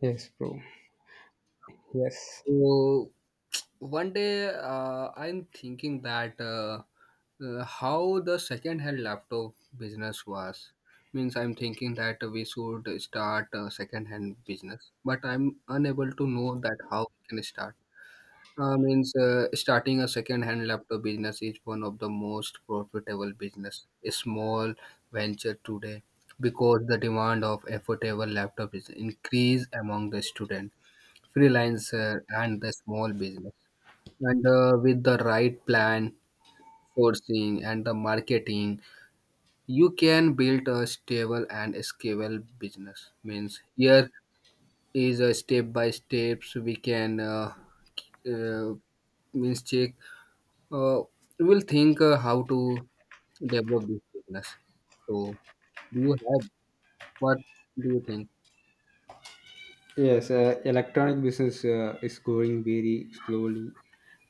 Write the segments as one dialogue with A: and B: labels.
A: Yes, bro. Yes.
B: So one day, I'm thinking that how the second-hand laptop business was. Means I'm thinking that we should start a second-hand business, but I'm unable to know that how we can start. Means starting a second-hand laptop business is one of the most profitable business, a small venture today, because the demand of affordable laptop is increased among the student, freelancer, and the small business and with the right plan, forcing and the marketing, you can build a stable and scalable business. Means here is a step by steps we can uh, means check. Uh, we'll think how to develop this business. So do you have what do you think?
A: Yes, electronic business is growing very slowly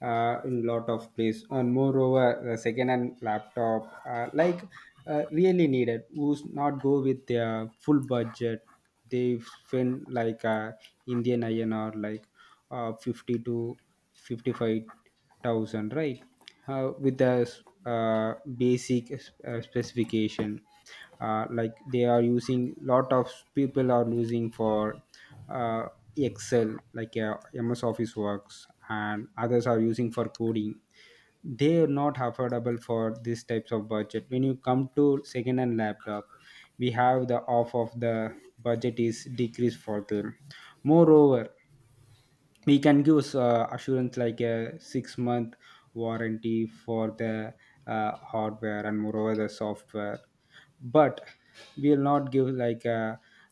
A: in lot of place. And moreover, the second-hand laptop, really needed, who's not go with their full budget. They spend like Indian INR, like 50 to 55 thousand, right, with the basic specification, like they are using lot of people are using for uh, excel, like MS Office works, and others are using for coding. They are not affordable for these types of budget. When you come to second hand laptop, we have the off of the budget is decreased for them. Moreover, we can give assurance like a 6 month warranty for the hardware and moreover the software, but we will not give like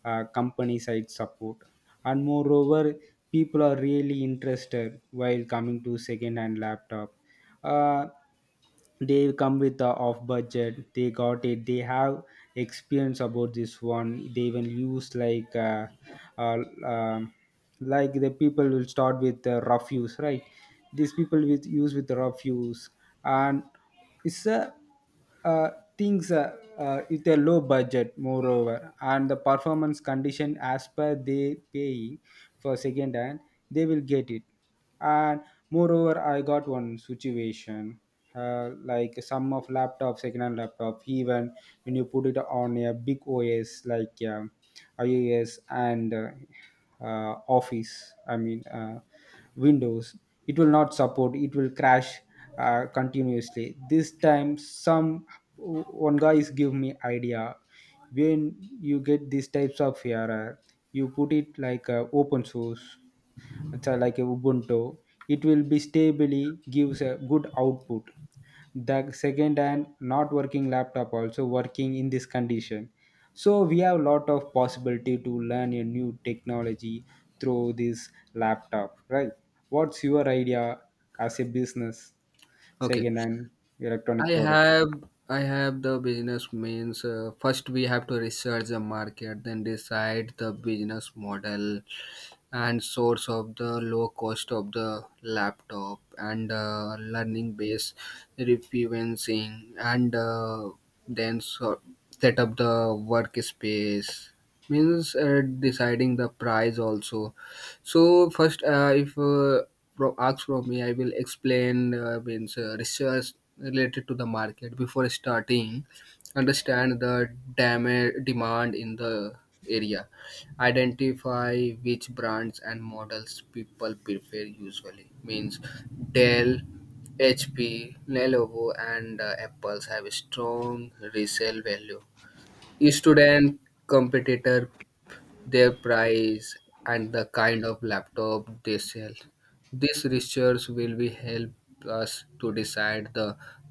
A: a company side support. And moreover, people are really interested while coming to second hand laptop. Uh, they come with the off budget, they got it, they have experience about this one. They even use uh, um like the people will start with rough use, right? These people with use with rough use. And it's a uh, things, with a low budget. Moreover, and the performance condition as per they paying for second hand, they will get it. And moreover, I got one situation, like some of laptop, second hand laptop, even when you put it on a big OS like iOS and uh, office, I mean Windows, it will not support, it will crash continuously. This time some one guy is give me idea, when you get these types of error, you put it like open source. Like a Ubuntu, it will be stably gives a good output. The second and not working laptop also working in this condition. So we have lot of possibility to learn a new technology through this laptop, right? What's your idea as a business?
B: Okay,
A: Second and electronic
B: I
A: product.
B: have I have the business means, first we have to research the market, then decide the business model and source of the low cost of the laptop and learning base, referencing and then so set up the workspace means, deciding the price also. So first if pro- ask from me, I will explain means research related to the market. Before starting, understand the demand in the area, identify which brands and models people prefer. Usually means Dell, HP, Lenovo, and Apples have strong resale value, student, competitor, their price, and the kind of laptop they sell. This research will be help us to decide the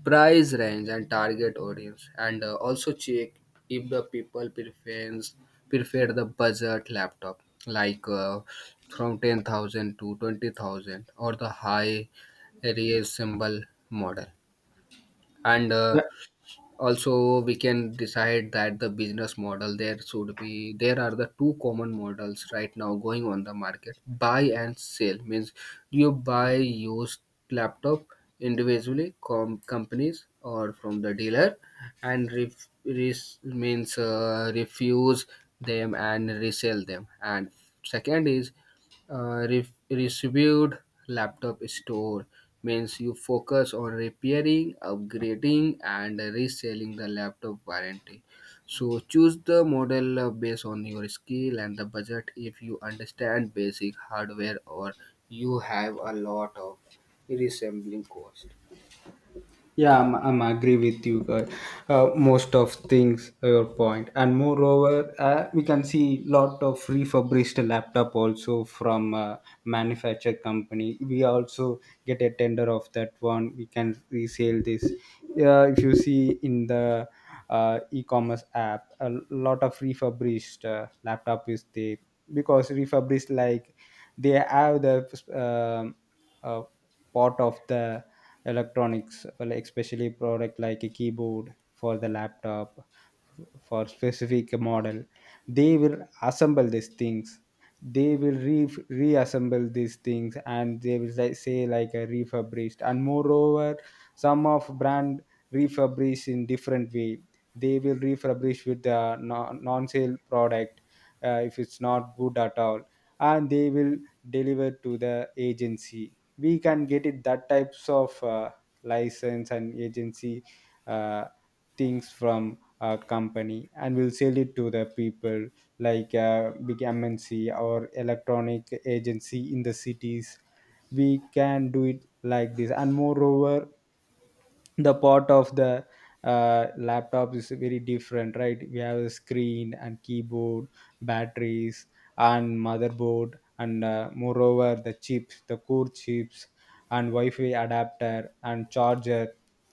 B: price range and target audience, and also check if the people prefer the budget laptop, like from 10,000 to 20,000, or the high reasonable model. And
A: Yeah,
B: also we can decide that the business model. There should be There are the two common models right now going on the market. Buy and sell means you buy used laptop individually, companies or from the dealer, and ref- res- means refuse them and resell them. And second is received laptop store means you focus on repairing, upgrading, and reselling the laptop warranty. So choose the model based on your skill and the budget. If you understand basic hardware or you have a lot of reassembling cost.
A: Yeah, I'm agree with you. Most of things your point. And moreover, we can see lot of refurbished laptop also from manufacturer company. We also get a tender of that one. We can resell this. Yeah, if you see in the e-commerce app, a lot of refurbished laptop is there, because refurbished like they have the um uh, part of the electronics, well, especially product like a keyboard for the laptop for specific model, they will assemble these things, reassemble these things, and they will, like, say like a refurbished. And moreover, some of brand refurbish in different way. They will refurbish with the non-sale product, if it's not good at all, and they will delivered to the agency. We can get it that types of license and agency uh, things from a company, and we'll sell it to the people like big MNC or electronic agency in the cities. We can do it like this. And moreover, the part of the laptop is very different, right? We have a screen and keyboard, batteries, and motherboard, and moreover the chips, the core chips, and wi-fi adapter and charger.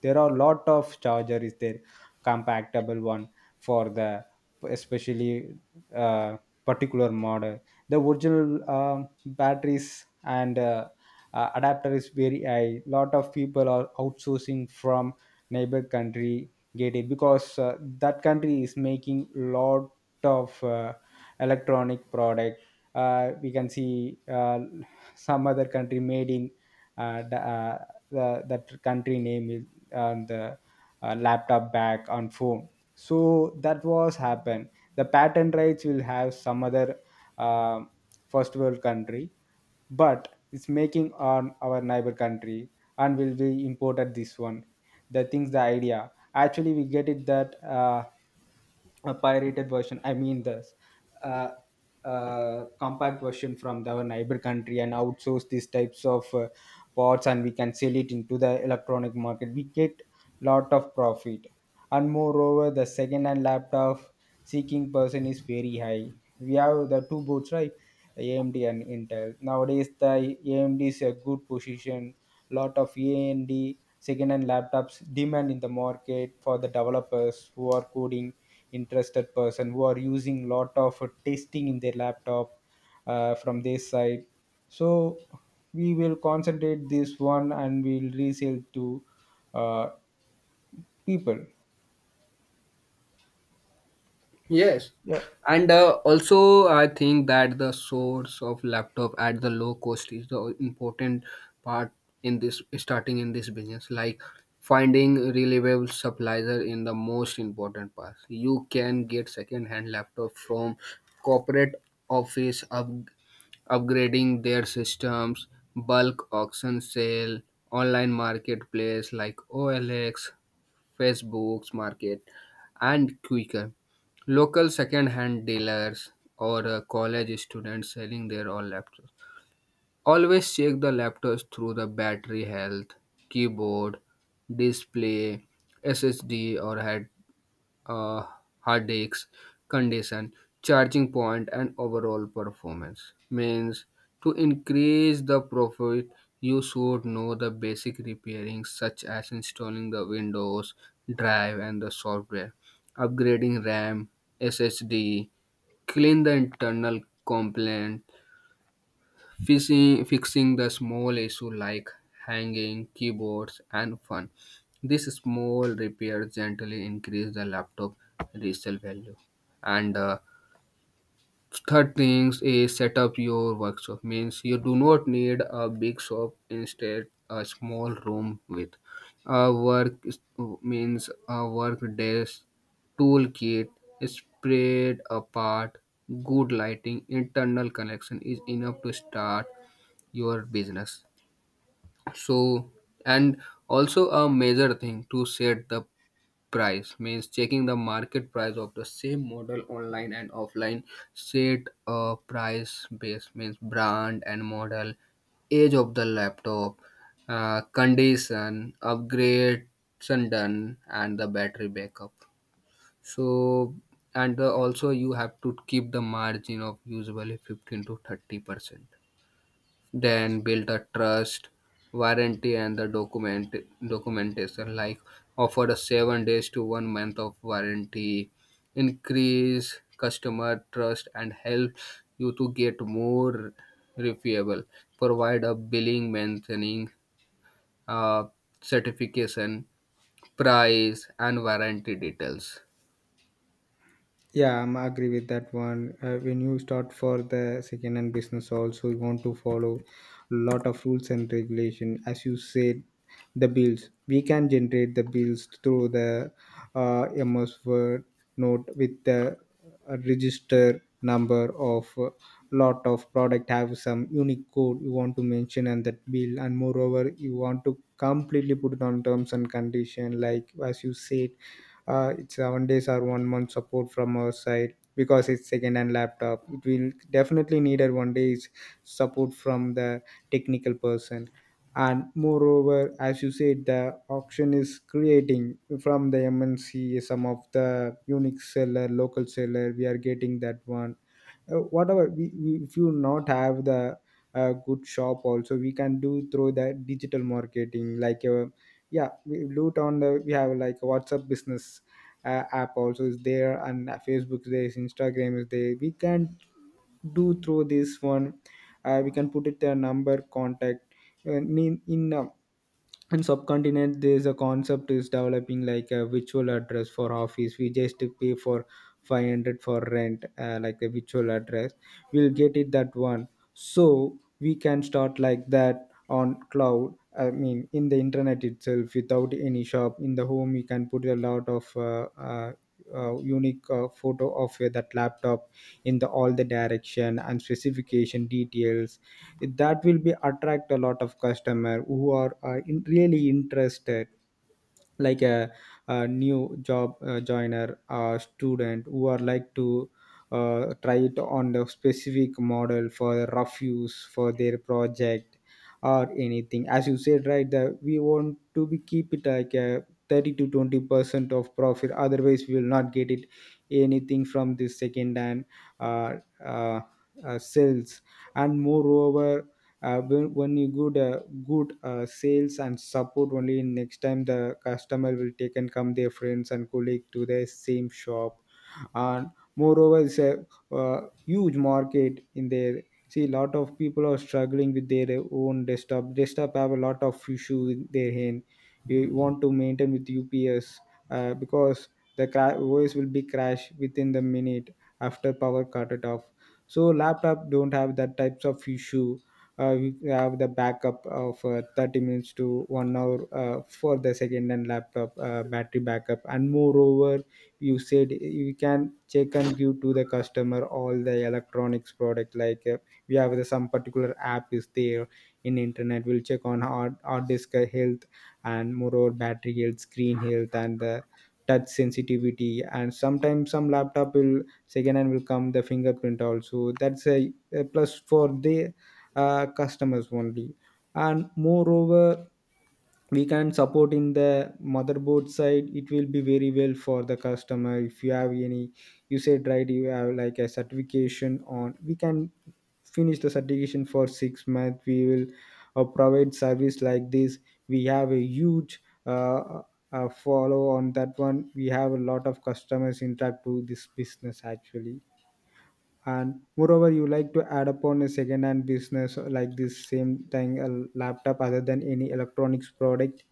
A: There are lot of charger is there, compatible one, for the especially uh, particular model. The original batteries and adapter is very high. Lot of people are outsourcing from neighbor country, get it, because that country is making lot of electronic product. Uh, we can see some other country made in uh, the, uh, the that country name is on the laptop back on phone. So that was happen. The patent rights will have some other um first world country, but it's making on our neighbor country, and will be imported this one. The things, the idea, actually we get it that a pirated version, I mean this uh, compact version our neighbor country, and outsource these types of parts, and we can sell it into the electronic market. We get lot of profit. And moreover, the second hand laptop seeking person is very high. We have the two boats, right? AMD and Intel. Nowadays, the AMD is a good position. Lot of AMD second-hand laptops demand in the market for the developers who are coding, interested person who are using lot of testing in their laptop, from their side. So we will concentrate this one and we'll resell to uh, people.
B: Yes.
A: Yeah,
B: And also, I think that the source of laptop at the low cost is the important part in this starting in this business. Like, finding reliable supplier in the most important part. You can get second-hand laptop from corporate office up, upgrading their systems, bulk auction sale, online marketplace like OLX, Facebook's market, and Quicker. Local second-hand dealers or college students selling their own laptops. Always check the laptops through the battery health, keyboard, display, SSD, or uh, headaches, condition, charging point, and overall performance. Means to increase the profit, you should know the basic repairing, such as installing the Windows drive and the software, upgrading RAM, SSD, clean the internal complaint, fixing the small issue like hanging keyboards and fun. This small repair gently increase the laptop resale value. And third things is set up your workshop. Means you do not need a big shop. Instead, a small room with a work a work desk, toolkit spread apart, good lighting, internal connection is enough to start your business. So and also a major thing to set the price means checking the market price of the same model online and offline. Set a price base means brand and model, age of the laptop, condition, upgrade done, and the battery backup. So and also you have to keep the margin of usually 15 to 30%. Then build a trust, warranty and the documentation. Like, offer a 7 days to 1 month of warranty, increase customer trust and help you to get more reliable. Provide a billing mentioning uh, certification, price and warranty details.
A: Yeah, I'm agree with that one. When you start for the second hand business, also you want to follow lot of rules and regulation. As you said, the bills, we can generate the bills through the MS Word note with the register number of lot of product have some unique code, you want to mention and that bill. And moreover, you want to completely put it on terms and condition, like as you said, it's 7 days or one month support from our side, because it's second-hand laptop, it will definitely needed one day is support from the technical person. And moreover, as you said, the auction is creating from the MNC. Some of the unique seller, local seller, we are getting that one, whatever we, if you not have the good shop also, we can do through the digital marketing, like yeah, we blue town we have like WhatsApp business app also is there, and Facebook is there, is Instagram is there. We can do through this one. Uh, we can put it their number contact uh, in, in uh, in subcontinent there is a concept is developing like a virtual address for office. We just pay for 500 for rent, like a virtual address, we'll get it that one. So we can start like that on cloud, I mean in the internet itself without any shop, in the home. You can put a lot of unique photo of that laptop in the all the direction and specification details. That will be attract a lot of customer who are really interested like a new job joiner, a student who are like to try it on the specific model for rough use for their project or anything. As you said, right, that we want to be keep it like a 30 to 20% of profit, otherwise we will not get it anything from this second hand uh, uh, sales. And moreover, when you good good sales and support only, in next time the customer will take and come their friends and colleague to the same shop. And moreover, it's a uh, huge market in there. See, a lot of people are struggling with their own desktop. Desktop have a lot of issue in their hand. You want to maintain with UPS, because voice will be crashed within the minute after power cut it off. So laptop don't have that types of issue. Uh, we have the backup of 30 minutes to one hour, for the second and laptop battery backup. And moreover, you said you can check and give to the customer all the electronics product, like we have the, some particular app is there in internet, we'll check on hard disk health and moreover battery health, screen health, and the touch sensitivity. And sometimes some laptop will second hand will come the fingerprint also, that's a plus for the customers only. And moreover, we can support in the motherboard side, it will be very well for the customer. If you have any, you said, right, you have like a certification on, we can finish the certification for 6 months. We will provide service like this. We have a huge follow on that one. We have a lot of customers interact to this business actually. And moreover, you like to add upon a second hand business like this, same thing a laptop other than any electronics product?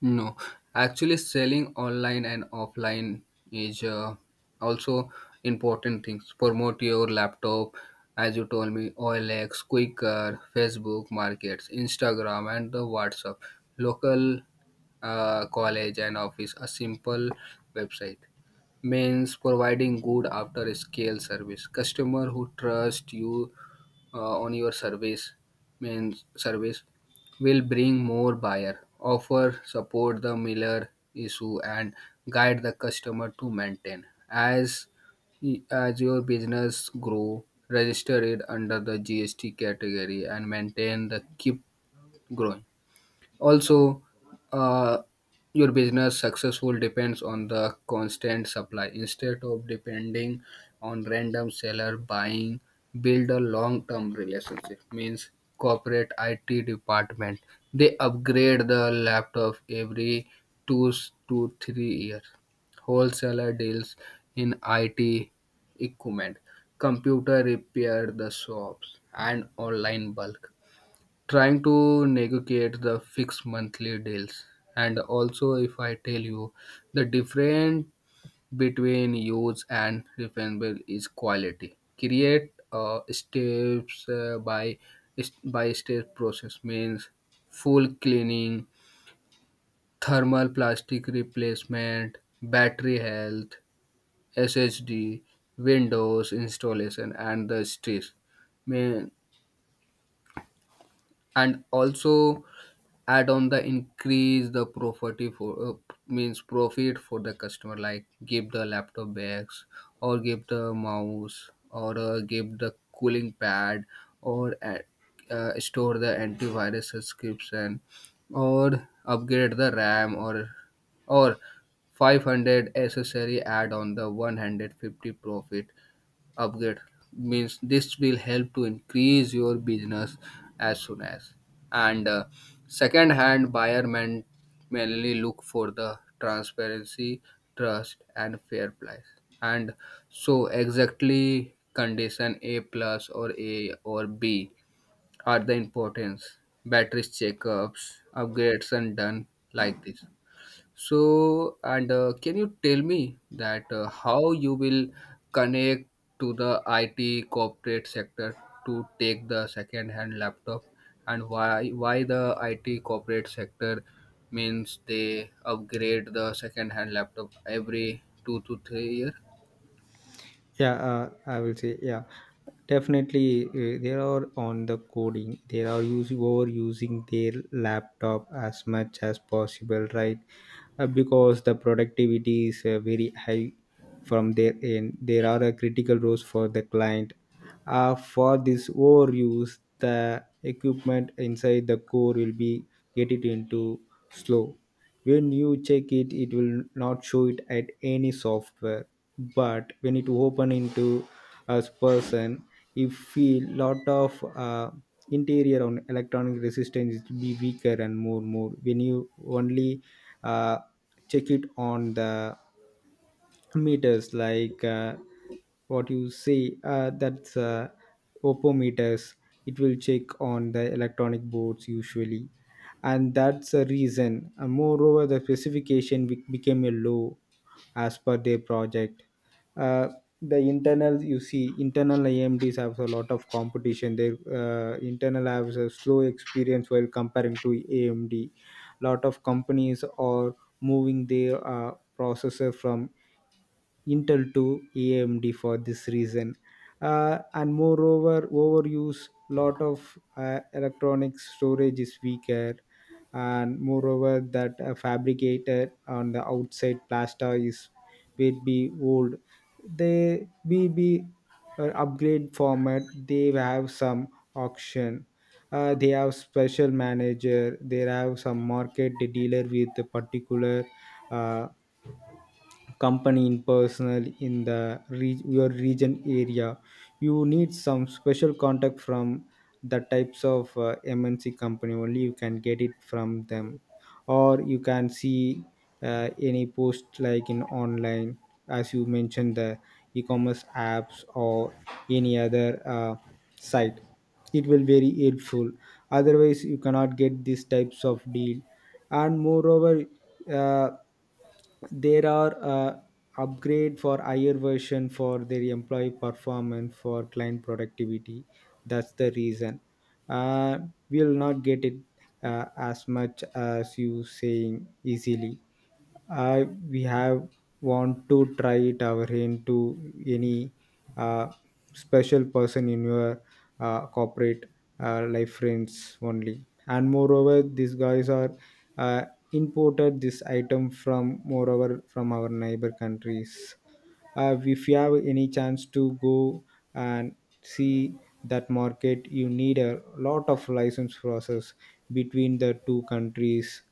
B: No, actually, selling online and offline is also important things. Promote your laptop, as you told me, OLX, Quicker, Facebook Markets, Instagram, and the WhatsApp, local college and office, a simple website. Means providing good after scale service. Customer who trust you on your service means service will bring more buyer. Offer support the miller issue and guide the customer to maintain. as as your business grow, register it under the GST category and maintain the keep growing. Also, uh, your business successful depends on the constant supply instead of depending on random seller buying. Build a long-term relationship means corporate IT department. They upgrade the laptop every to 3 years. Wholesaler deals in IT equipment, computer repair the shops, and online bulk, trying to negotiate the fixed monthly deals. And also, if I tell you the difference between use and refundable is quality. Create steps by step process means full cleaning, thermal plastic replacement, battery health, SSD, Windows installation, and the stress. Man, and also add on the increase the profit for means profit for the customer. Like, give the laptop bags or give the mouse or give the cooling pad or store the antivirus subscription or upgrade the RAM or 500 accessory add on the 150 profit upgrade. Means this will help to increase your business as soon as. And second hand buyer, men mainly look for the transparency, trust and fair price. And so exactly condition, A plus or A or B, are the importance, batteries, checkups, upgrades and done, like this. So, and can you tell me that how you will connect to the IT corporate sector to take the second-hand laptop, and why the IT corporate sector means they upgrade the second-hand laptop every 2 to 3 years?
A: Yeah, I will say, yeah, definitely. Uh, there are on the coding, they are using over using their laptop as much as possible, right? Uh, because the productivity is very high from their end. There are critical roles for the client, for this overuse the equipment inside the core will be get it into slow. When you check it, it will not show it at any software, but when it open into as person, if feel lot of interior on electronic resistance, it will be weaker and more. When you only uh, check it on the meters, like what you say that's opometers, it will check on the electronic boards usually, and that's the reason. And moreover, the specification became a low as per their project. Uh, the internal, you see, internal AMDs have a lot of competition. Their Internal has a slow experience while comparing to AMD. Lot of companies are moving their processor from Intel to AMD for this reason. And moreover, overuse lot of electronic storage is weaker, and moreover that fabricated on the outside plaster is will be old. They will be upgrade format. They have some auction. They have special manager. They have some market They dealer with the particular. Uh, Company in personal in the your region area you need some special contact from the types of mnc company only you can get it from them, or you can see any post like in online, as you mentioned, the e-commerce apps or any other site, it will very helpful. Otherwise you cannot get these types of deal. And moreover, uh, there are upgrade for higher version for their employee performance, for client productivity. That's the reason uh, we'll not get it as much as you saying easily. Uh, we have want to try it our hand to any uh, special person in your corporate life friends only. And moreover these guys are uh, imported this item from, moreover, from our neighbor countries. Uh, if you have any chance to go and see that market, you need a lot of license process between the two countries,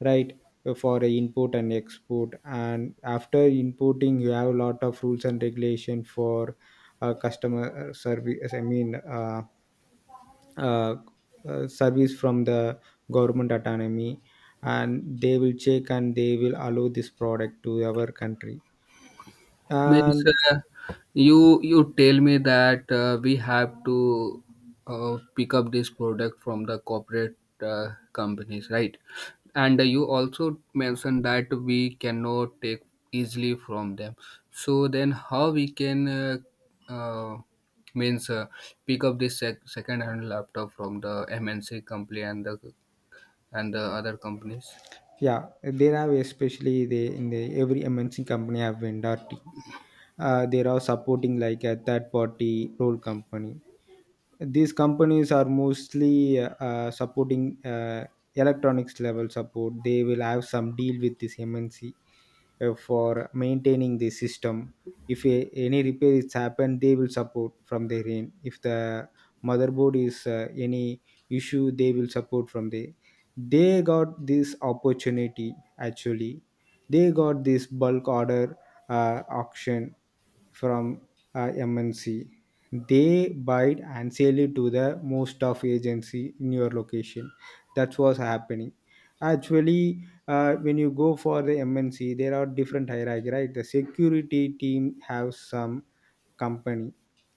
A: right? For import and export, and after importing you have a lot of rules and regulation for customer service, I mean uh, service from the government autonomy, and they will check and they will allow this product to our country.
B: Means
A: And
B: uh, you tell me that we have to pick up this product from the corporate companies, right? And you also mentioned that we cannot take easily from them. So then how we can uh, means pick up this second hand laptop from the MNC company and the other companies?
A: yeah, they have, especially they, in the every mnc company have vendor team. There are supporting like a third party role company. These companies are mostly supporting electronics level support. They will have some deal with this mnc for maintaining the system. If a, any repair is happened, they will support from their end. If the motherboard is any issue, they will support from there. They got this opportunity, actually. They got this bulk order, auction, from MNC. They buy it and sell it to the most of agency in your location. That's what's happening. Actually, when you go for the MNC, there are different hierarchy, right? The security team have some company,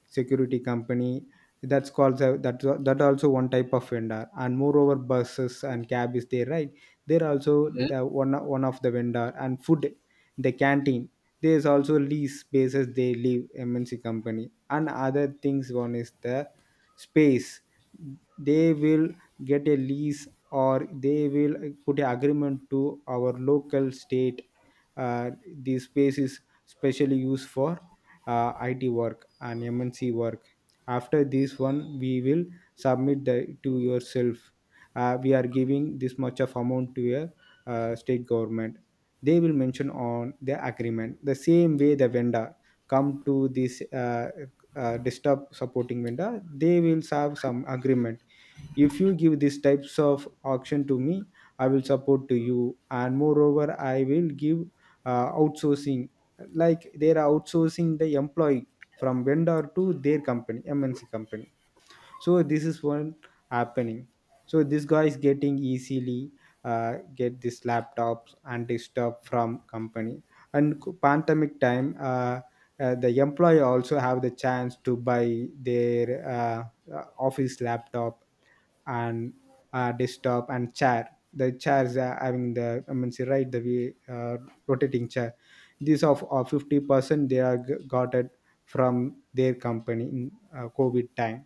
A: security company, that's called that, that also one type of vendor. And moreover, buses and cab is there, right? They're also the one of the vendor. And food, the canteen, there's also lease spaces they leave mnc company. And other things, one is the space. They will get a lease, or they will put an agreement to our local state. Uh, the space is specially used for IT work and MNC work. After this one, we will submit the to yourself. We are giving this much of amount to a state government. They will mention on the agreement. The same way the vendor come to this disturb supporting vendor, they will have some agreement. If you give these types of auction to me, I will support to you, and moreover, I will give outsourcing, like they're outsourcing the employee from vendor to their company mnc company. So this is one happening. So this guy is getting easily get this laptops and this stuff from company. And pandemic time the employee also have the chance to buy their uh, office laptop and desktop and chair. The chairs are having the, I mean say, right the way rotating chair, these of 50% they are got it from their company in covid time.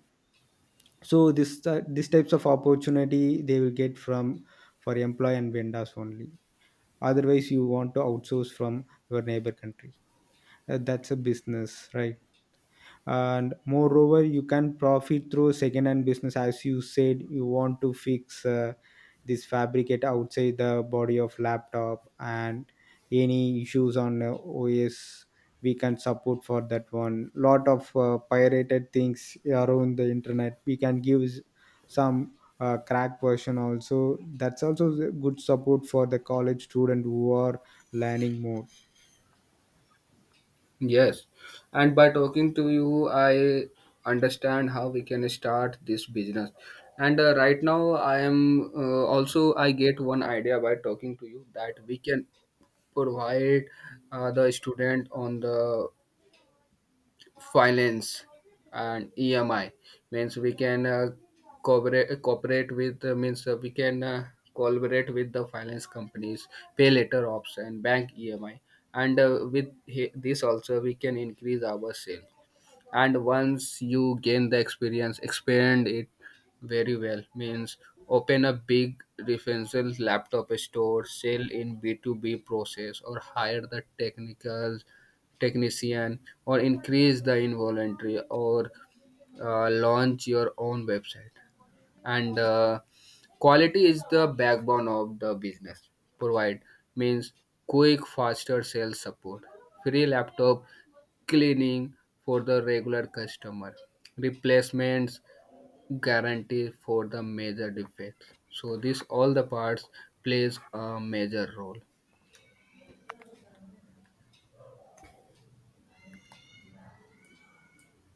A: So this this types of opportunity they will get from, for employee and vendors only. Otherwise you want to outsource from your neighbor country. That's a business, right? And moreover you can profit through second hand business. As you said, you want to fix this fabricate outside the body of laptop and any issues on os, we can support for that one. Lot of pirated things around the internet, we can give some crack version also. That's also the good support for the college student who are learning more.
B: Yes, and by talking to you, I understand how we can start this business. And right now, I am also, I get one idea by talking to you that we can provide the student on the finance and EMI. Means we can cooperate with means we can collaborate with the finance companies, pay later option, bank EMI, and with this also we can increase our sale. And once you gain the experience, expand it very well. Means, open a big referential laptop store, sell in b2b process, or hire the technical technician, or increase the involuntary, or launch your own website. And quality is the backbone of the business. Provide means quick, faster sales support, free laptop cleaning for the regular customer, replacements guarantee for the major defects. So this all the parts plays a major role.